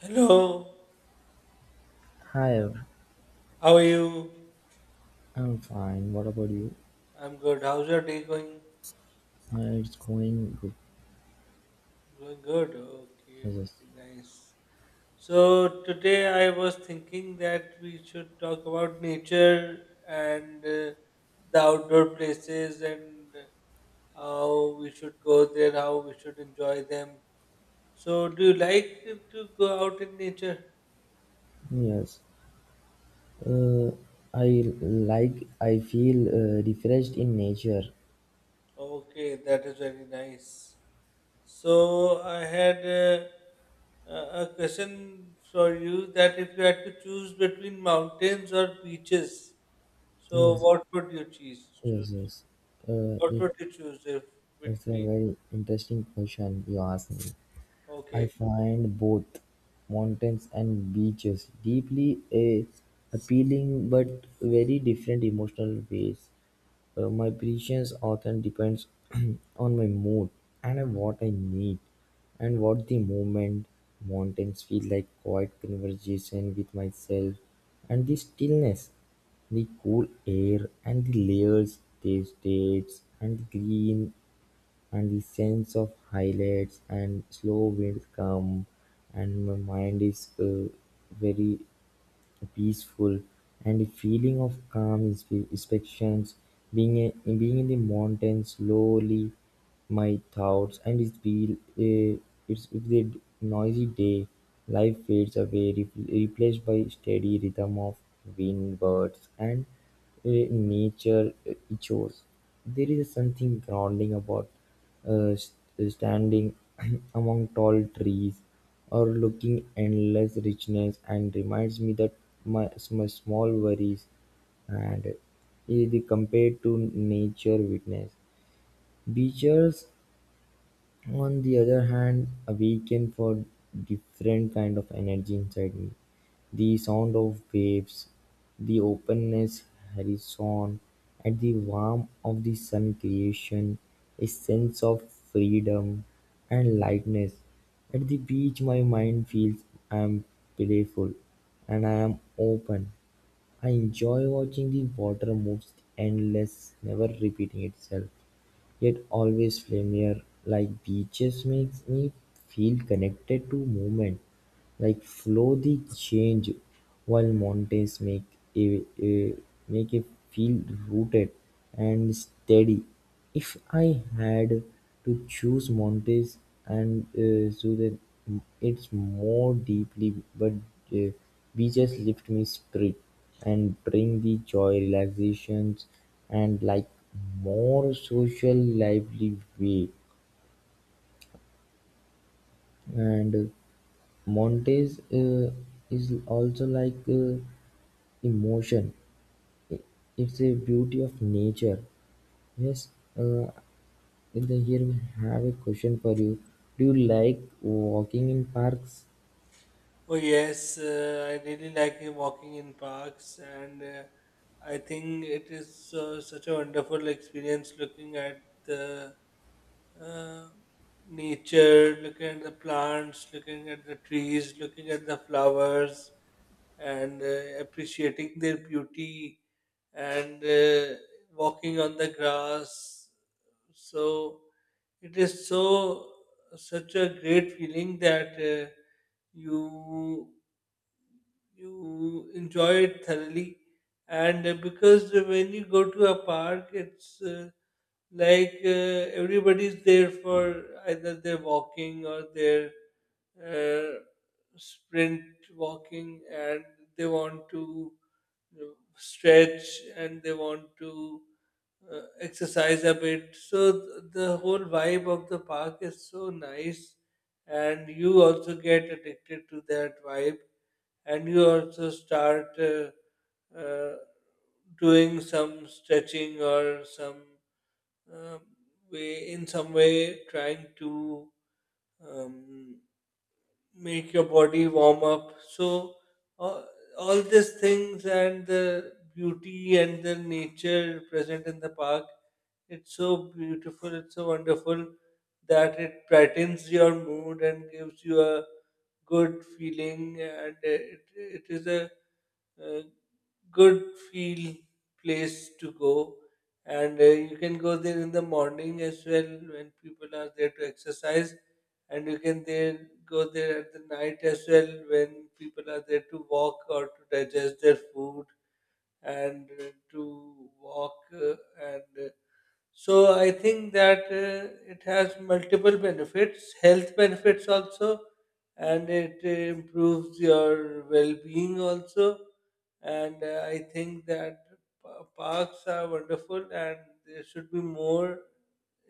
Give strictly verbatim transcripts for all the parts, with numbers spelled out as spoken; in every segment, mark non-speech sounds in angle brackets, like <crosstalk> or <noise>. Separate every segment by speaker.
Speaker 1: Hello,
Speaker 2: Hi,
Speaker 1: how are you?
Speaker 2: I'm fine, what about you?
Speaker 1: I'm good. How's your day going?
Speaker 2: Uh, It's going good.
Speaker 1: Going good. Okay,
Speaker 2: Yes, yes.
Speaker 1: very nice. So today I was thinking that we should talk about nature and uh, the outdoor places and how we should go there, how we should enjoy them. So do you like to go out in nature?
Speaker 2: Yes. Uh, I like, I feel uh, refreshed in nature.
Speaker 1: Okay, that is very nice. So I had uh, a a question for you that if you had to choose between mountains or beaches, so
Speaker 2: Yes,
Speaker 1: what would you choose?
Speaker 2: yes,
Speaker 1: Choose
Speaker 2: yes. Uh,
Speaker 1: what
Speaker 2: it,
Speaker 1: would you choose if
Speaker 2: it's a
Speaker 1: between?
Speaker 2: very interesting question you asked me. I
Speaker 1: Okay,
Speaker 2: find both mountains and beaches deeply a appealing but very different emotional ways. Uh, my patience often depends <clears throat> on my mood and what I need and what the moment mountains feel like quiet conversation with myself and the stillness, the cool air and the layers, the states and the green and the sense of highlights and slow wind come and my mind is uh, very peaceful, and a feeling of calm inspe- inspections. Being, a, being in the mountains slowly, my thoughts and it's be uh, it's if the noisy day, life fades away, re- replaced by steady rhythm of wind, birds, and uh, nature uh, echoes. There is something grounding about uh, st- uh, standing <clears throat> among tall trees, or looking endless richness, and reminds me that my, my small worries and is the compared to nature witness. Beaches on the other hand, a weekend for different kind of energy inside me. The sound of waves, the openness horizon, and the warmth of the sun creation, a sense of freedom and lightness. At the beach my mind feels I am playful and I am open. I enjoy watching the water moves endless, never repeating itself. Yet always familiar, like beaches makes me feel connected to movement, like flow the change, while mountains make a, a make it feel rooted and steady. If I had to choose mountains and uh, so that it's more deeply, but uh, beaches lift me spirit and bring the joy, relaxations, and like more social lively way. And Montes uh, is also like uh, emotion. I- It's a beauty of nature. Yes. Uh, and then here we have a question for you. Do you like walking in parks?
Speaker 1: oh yes, uh, I really like uh, walking in parks, and uh, I think it is uh, such a wonderful experience looking at the uh, nature, looking at the plants, looking at the trees, looking at the flowers, and uh, appreciating their beauty, and uh, walking on the grass. So it is so such a great feeling that. Uh, you you enjoy it thoroughly and uh, because when you go to a park it's uh, like uh, everybody's there for either they're walking or they're uh, sprint walking and they want to you know, stretch and they want to uh, exercise a bit so th- the whole vibe of the park is so nice and you also get addicted to that vibe and you also start uh, uh, doing some stretching or some uh, way in some way trying to um, make your body warm up. So all, all these things and the beauty and the nature present in the park, it's so beautiful, it's so wonderful that it brightens your mood and gives you a good feeling and it, it is a uh, good feel place to go and uh, you can go there in the morning as well when people are there to exercise and you can there go there at the night as well when people are there to walk or to digest their food and uh, to walk uh, and uh, so I think that uh, it has multiple benefits, health benefits also, and it uh, improves your well-being also. And uh, I think that pa- parks are wonderful, and there should be more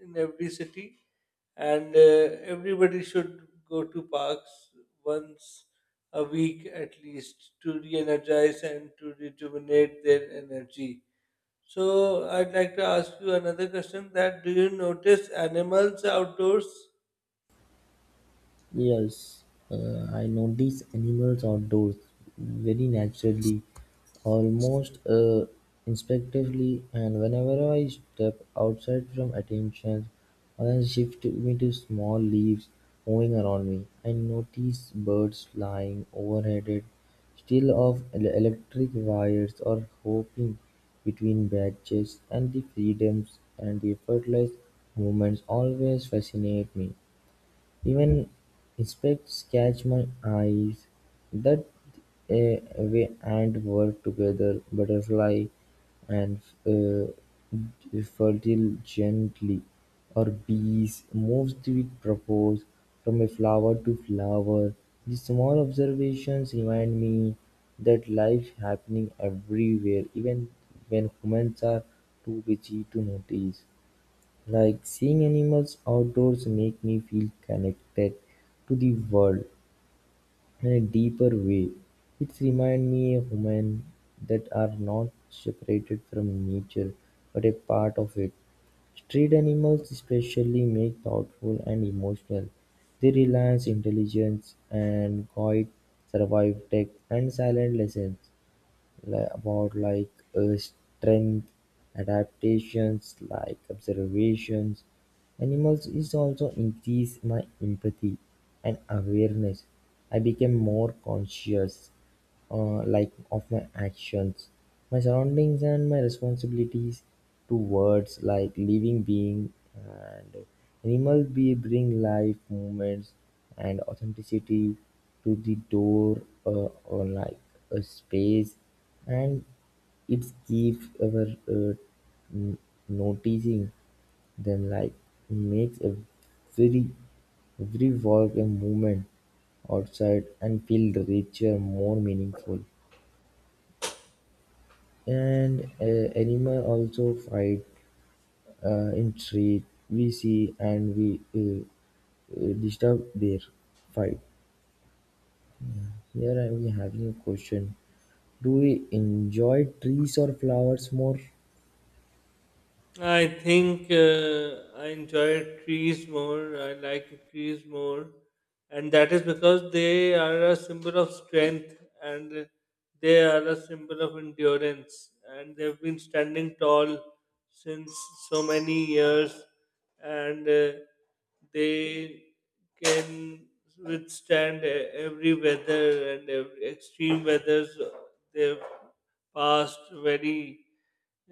Speaker 1: in every city. And uh, everybody should go to parks once a week at least to re-energize and to rejuvenate their energy. So I'd like to ask you another question, that do you notice animals outdoors?
Speaker 2: Yes, uh, I notice animals outdoors very naturally, almost uh, instinctively, and whenever I step outside from attention, I shift me to small leaves moving around me. I notice birds flying overhead, still of el- electric wires or hopping between branches, and the freedoms and the effortless movements always fascinate me. Even insects catch my eyes. That uh, way, and work together, butterfly and uh, fertile gently, or bees, moves the propolis from a flower to flower. These small observations remind me that life happening everywhere, even when humans are too busy to notice. Like seeing animals outdoors make me feel connected to the world in a deeper way. It reminds me of humans that are not separated from nature but a part of it. Street animals especially make thoughtful and emotional. They rely on intelligence and quiet survive tech and silent lessons li- about like uh, strength, adaptations, like observations. Animals is also increase my empathy and awareness. I became more conscious uh, like of my actions, my surroundings, and my responsibilities towards like living being and animal be bring life, movements, and authenticity to the door uh, or like a space, and it gives our uh, n- noticing then like, makes every every work a movement outside and feels richer, more meaningful. And uh, animals also fight, uh, intrigue, we see and we uh, uh, disturb their fight. Here I am having a question. Do we enjoy trees or flowers more?
Speaker 1: I think uh, I enjoy trees more. I like trees more, and that is because they are a symbol of strength and they are a symbol of endurance. And they've been standing tall since so many years, and uh, they can withstand e- every weather and every extreme weathers. They've passed very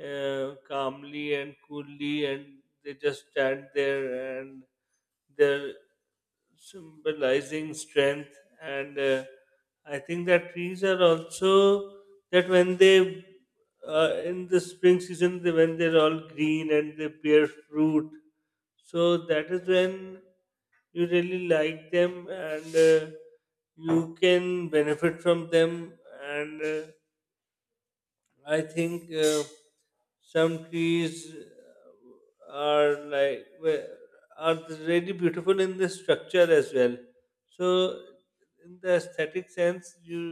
Speaker 1: uh, calmly and coolly, and they just stand there and they're symbolizing strength. And uh, I think that trees are also that when they uh, in the spring season, they, when they're all green and they bear fruit, so that is when you really like them and uh, you can benefit from them and uh, I think uh, some trees uh, are like we- are really beautiful in the structure as well. So in the aesthetic sense, you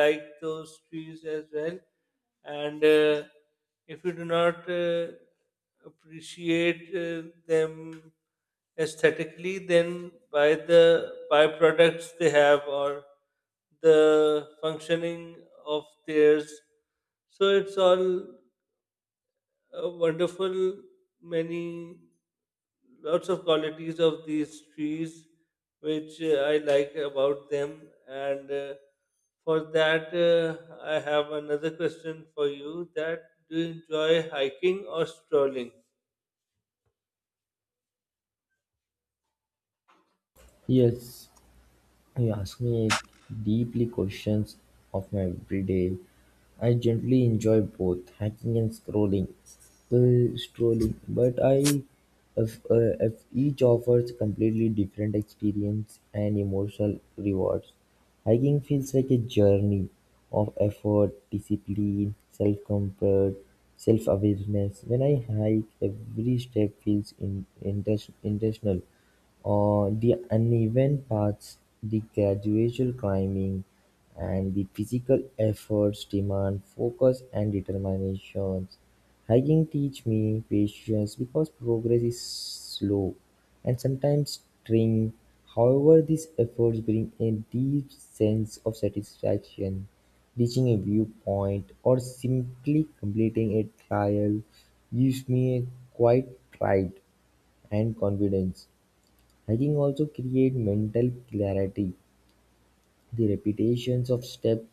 Speaker 1: like those trees as well and uh, if you do not uh, appreciate uh, them aesthetically then by the byproducts they have or the functioning of theirs so it's all a wonderful many lots of qualities of these trees which uh, I like about them. And uh, for that, uh, I have another question for you: that do you enjoy hiking or strolling?
Speaker 2: Yes, you ask me deeply questions of my everyday. I generally enjoy both hacking and scrolling, uh, strolling, but I, if, uh, if each offers completely different experience and emotional rewards. Hiking feels like a journey of effort, discipline, self comfort, self awareness. When I hike, every step feels in, inten- intentional on the uneven paths, the gradual climbing, and the physical efforts demand focus and determination. Hiking teaches me patience because progress is slow and sometimes trying. However, these efforts bring a deep sense of satisfaction. Reaching a viewpoint or simply completing a trial gives me a quiet pride and confidence. Hiking also create mental clarity: the repetitions of steps,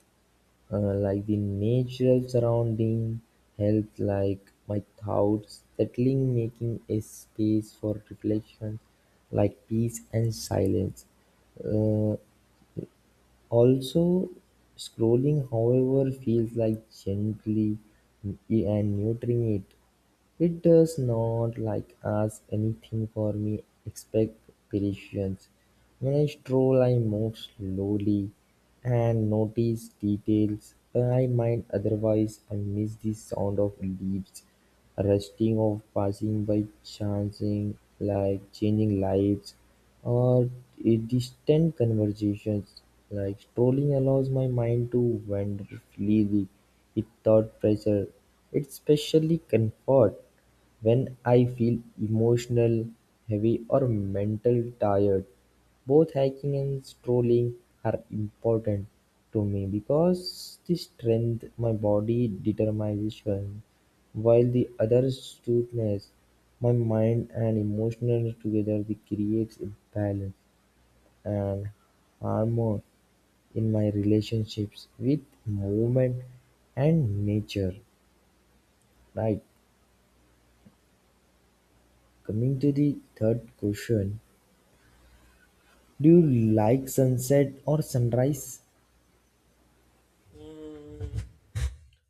Speaker 2: uh, like the natural surrounding, help like my thoughts settling, making a space for reflection, like peace and silence. Uh, Also, scrolling however feels like gently and nurturing it. It does not like ask anything for me expect patience. When I stroll I move slowly and notice details I might otherwise I miss the sound of leaves rusting of passing by chancing like changing lights or a distant conversations, like strolling allows my mind to wander freely without pressure. It especially comfort when I feel emotional, heavy or mental tired. Both hiking and strolling are important to me because the strength my body determination while the other studies my mind and emotions together, they creates a balance and harmony in my relationships with movement and nature. Right. Coming to the third question. Do you like sunset or sunrise?
Speaker 1: Mm,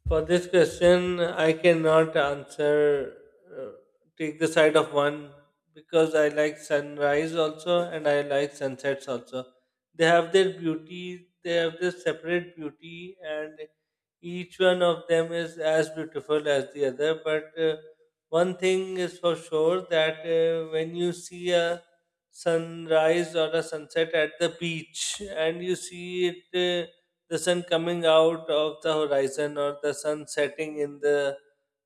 Speaker 1: for this question, I cannot answer, uh, take the side of one because I like sunrise also and I like sunsets also. They have their beauty, they have their separate beauty, and each one of them is as beautiful as the other. But uh, one thing is for sure that uh, when you see a sunrise or a sunset at the beach and you see it. Uh, The sun coming out of the horizon or the sun setting in the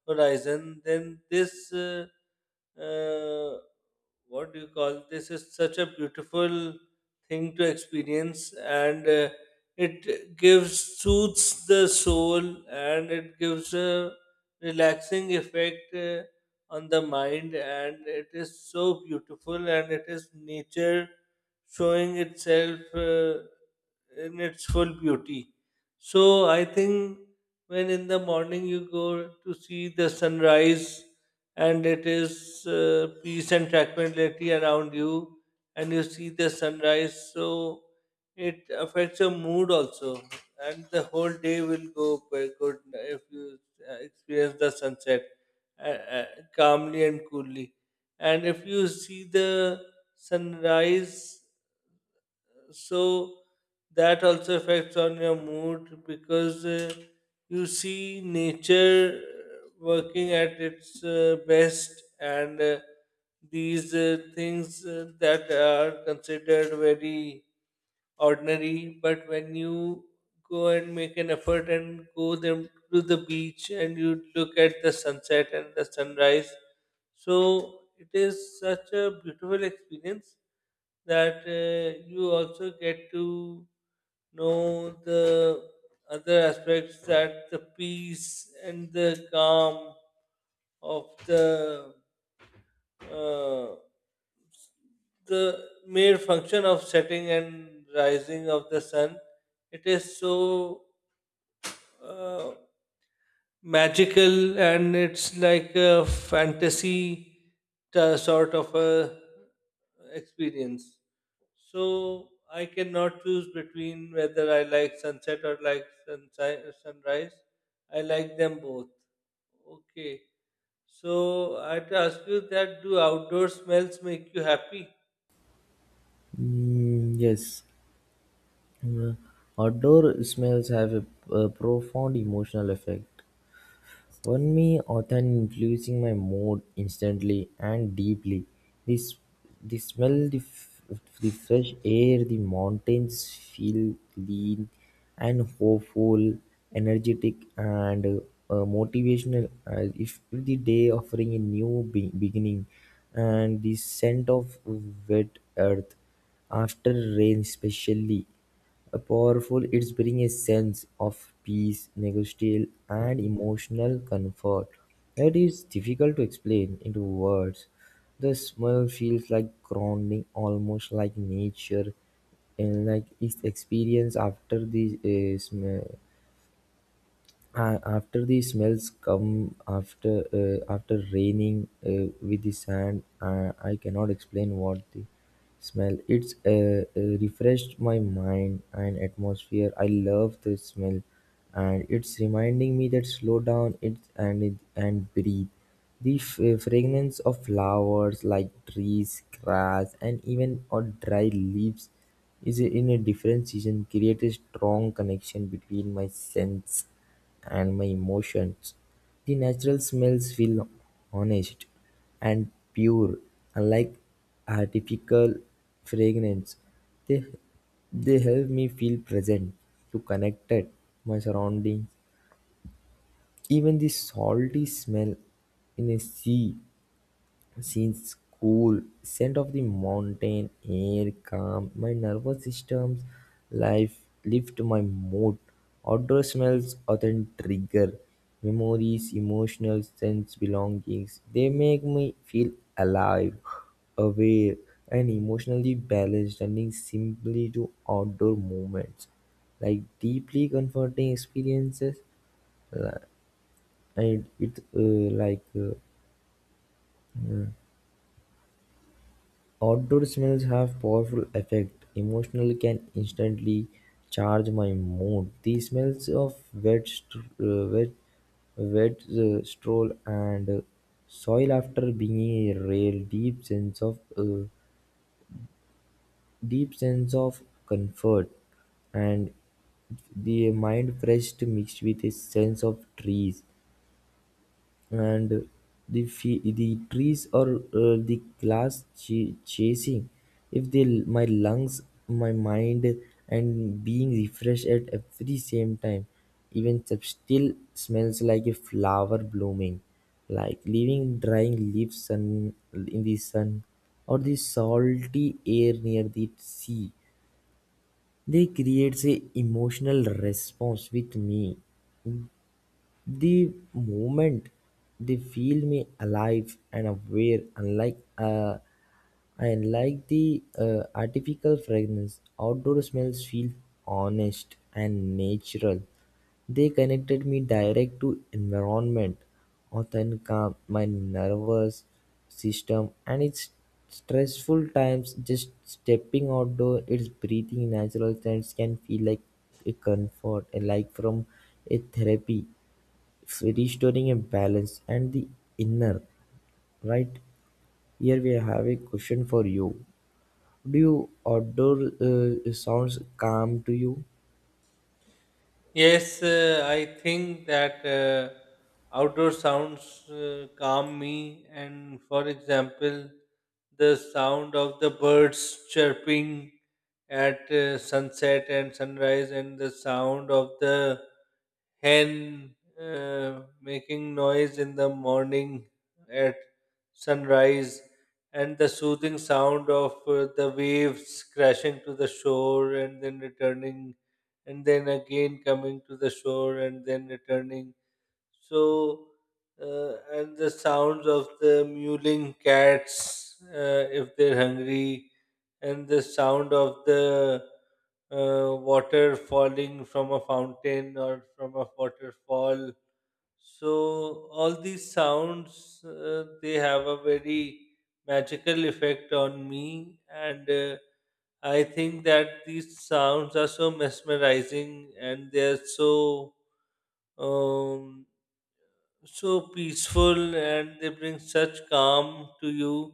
Speaker 1: horizon, then this uh, uh, what do you call this is such a beautiful thing to experience and uh, it gives soothes the soul and it gives a relaxing effect uh, on the mind and it is so beautiful and it is nature showing itself uh, in its full beauty. So I think when in the morning you go to see the sunrise and it is uh, peace and tranquility around you, and you see the sunrise. So it affects your mood also, and the whole day will go quite good if you uh, experience the sunset uh, uh, calmly and coolly. And if you see the sunrise, so that also affects on your mood because uh, you see nature uh, working at its uh, best and uh, these uh, things uh, that are considered very ordinary, but when you go and make an effort and go them to the beach and you look at the sunset and the sunrise, so it is such a beautiful experience that uh, you also get to know the other aspects, that the peace and the calm of the uh, the mere function of setting and rising of the sun, it is so uh, magical and it's like a fantasy t- sort of a experience. So I cannot choose between whether I like sunset or like sunsi- sunrise. I like them both. Okay, so I'd ask you that do outdoor smells make you happy?
Speaker 2: Mm, yes. Uh, Outdoor smells have a, a profound emotional effect. For me, autumn influencing my mood instantly and deeply. This the smell, the, f- the fresh air, the mountains feel clean and hopeful, energetic and uh, motivational. As if the day offering a new be- beginning, and the scent of wet earth after rain, especially. Powerful, it's brings a sense of peace, negotiation, and emotional comfort that is difficult to explain into words. The smell feels like grounding, almost like nature, and like its experience after the uh, smell uh, after the smells come after uh, after raining uh, with the sand uh, I cannot explain what the smell it's uh, uh, refreshed my mind and atmosphere. I love the smell and it's reminding me that slow down it and it, and breathe the f- uh, fragrance of flowers like trees grass and even or dry leaves is in a different season create a strong connection between my sense and my emotions, the natural smells feel honest and pure, unlike artificial fragrance. They, they help me feel present, to connected, my surroundings. Even the salty smell in a sea since school, scent of the mountain air calmed my nervous system's life lift my mood. Outdoor smells often trigger memories, emotional sense belongings. They make me feel alive, aware, and emotionally balanced, turning simply to outdoor moments like deeply comforting experiences and it uh, like uh, outdoor smells have powerful effect. Emotionally can instantly charge my mood. The smells of wet, st- uh, wet, wet uh, straw and uh, soil after being a real deep sense of uh, deep sense of comfort and the mind fresh mixed with a sense of trees and the fe- the trees or uh, the glass ch- chasing, if they my lungs, my mind, and being refreshed at every same time, even sub- still smells like a flower blooming, like leaving drying leaves sun in the sun, or the salty air near the sea. They creates a emotional response with me the moment they feel me alive and aware, unlike uh, unlike the uh, artificial fragrance, outdoor smells feel honest and natural. They connected me direct to environment, often calm my nervous system and its stressful times. Just stepping outdoor, its breathing natural scents can feel like a comfort, like from a therapy restoring a balance and the inner right. Here we have a question for you. Do you outdoor uh, sounds calm to you?
Speaker 1: Yes, uh, I think that uh, outdoor sounds uh, calm me. And for example, the sound of the birds chirping at uh, sunset and sunrise, and the sound of the hen uh, making noise in the morning at sunrise, and the soothing sound of uh, the waves crashing to the shore and then returning and then again coming to the shore and then returning. So, uh, and the sounds of the mewling cats uh, if they're hungry, and the sound of the uh, water falling from a fountain or from a waterfall. So, all these sounds uh, they have a very magical effect on me, and uh, I think that these sounds are so mesmerizing and they're so um, so peaceful and they bring such calm to you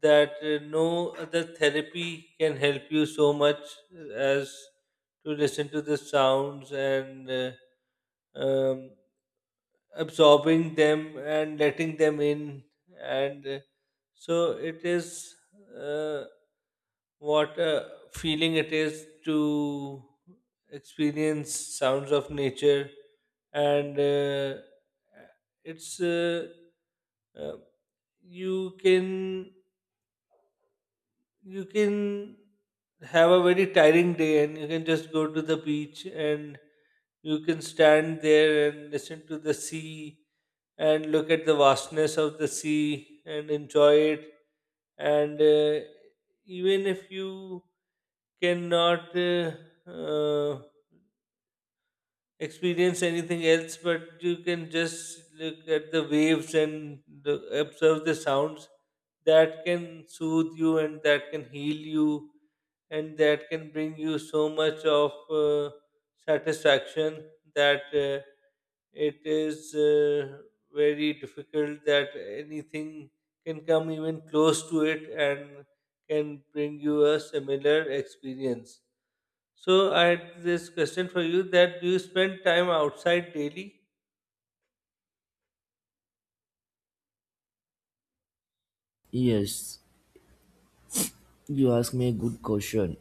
Speaker 1: that uh, no other therapy can help you so much as to listen to the sounds and uh, um, absorbing them and letting them in and uh, so it is uh, what a feeling it is to experience sounds of nature and uh, it's uh, uh, you can you can have a very tiring day and you can just go to the beach and you can stand there and listen to the sea and look at the vastness of the sea and enjoy it. And uh, even if you cannot uh, uh, experience anything else, but you can just look at the waves and the, observe the sounds, that can soothe you and that can heal you and that can bring you so much of uh, satisfaction that. Uh, it is uh, very difficult that anything can come even close to it and can bring you a similar experience. So, I had this question for you, that do you spend time outside daily?
Speaker 2: Yes, you ask me a good question.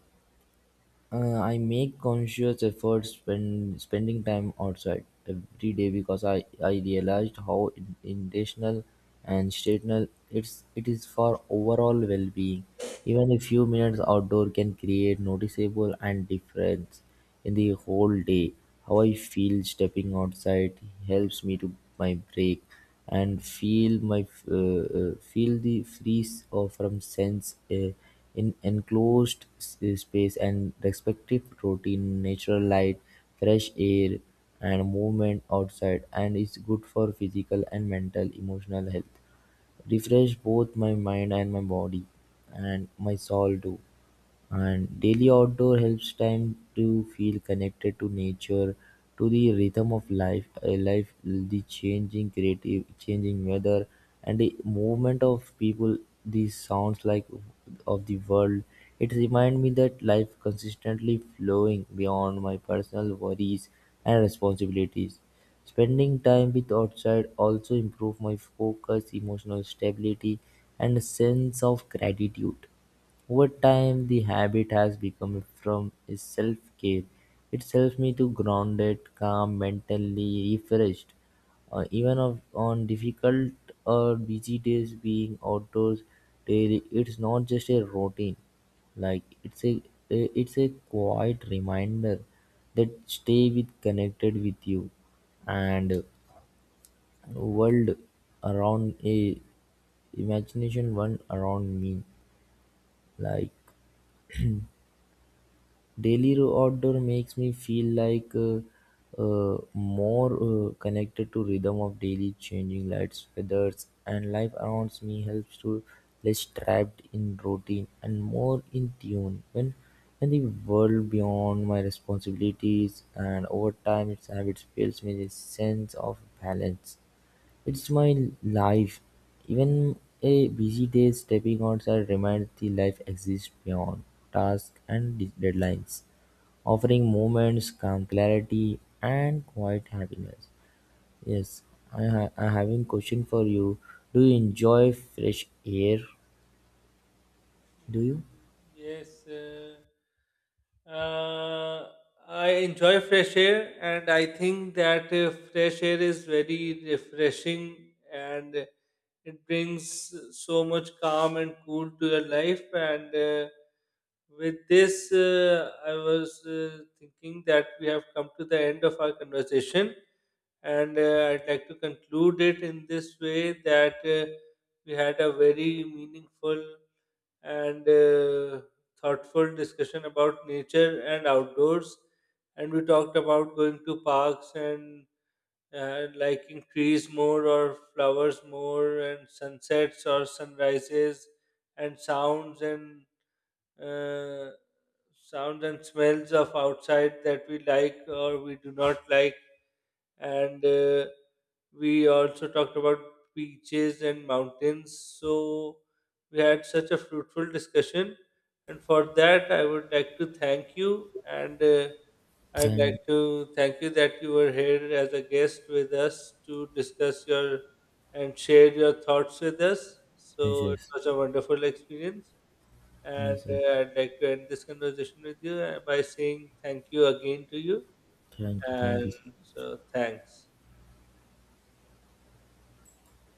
Speaker 2: uh, I make conscious efforts when spending time outside every day because i i realized how in- intentional and stational it's it is for overall well-being. Even a few minutes outdoor can create noticeable and difference in the whole day, how I feel stepping outside helps me to my break and feel my uh, uh, feel the freeze of from sense uh, in enclosed s- uh, space and respective routine, natural light, fresh air, and movement outside, and it's good for physical and mental emotional health. Refresh both my mind and my body, and my soul too. And daily outdoor helps time to feel connected to nature, to the rhythm of life, uh, life, the changing creative, changing weather, and the movement of people. These sounds like of the world. It reminds me that life consistently flowing beyond my personal worries and responsibilities. Spending time with outside also improve my focus, emotional stability, and a sense of gratitude. Over time, the habit has become from is self-care. It helps me to grounded, calm, mentally refreshed. Uh, even of, on difficult or busy days, being outdoors daily, it's not just a routine. Like it's a it's a quiet reminder that stay with connected with you and world around a imagination one around me like daily ro- outdoor makes me feel like uh, uh, more uh, connected to rhythm of daily changing lights, weathers, and life around me helps to less trapped in routine and more in tune when when the world beyond my responsibilities and over time its habits fills me with sense of balance it's my life. Even a busy day, stepping outside reminds the life exists beyond tasks and de- deadlines, offering moments, calm clarity, and quiet happiness. Yes, I, ha- I having question for you. Do you enjoy fresh air? Do you?
Speaker 1: Yes. Uh, uh, I enjoy fresh air, and I think that uh, fresh air is very refreshing and it brings so much calm and cool to your life. And uh, with this, uh, I was uh, thinking that we have come to the end of our conversation, and uh, I'd like to conclude it in this way, that uh, we had a very meaningful and uh, thoughtful discussion about nature and outdoors. And we talked about going to parks and uh, liking trees more or flowers more, and sunsets or sunrises, and sounds and uh, sounds and smells of outside that we like or we do not like and uh, we also talked about beaches and mountains. So we had such a fruitful discussion, and for that, I would like to thank you. And uh, I'd like
Speaker 2: Thank
Speaker 1: to thank you that you were here as a guest with us to discuss your and share your thoughts with us.
Speaker 2: yes,
Speaker 1: So it
Speaker 2: yes,
Speaker 1: was a wonderful experience. And
Speaker 2: yes. Yes.
Speaker 1: uh, I'd like to end this conversation with you uh, by saying thank you again to you.
Speaker 2: Thank you, thank
Speaker 1: And
Speaker 2: you.
Speaker 1: so, thanks.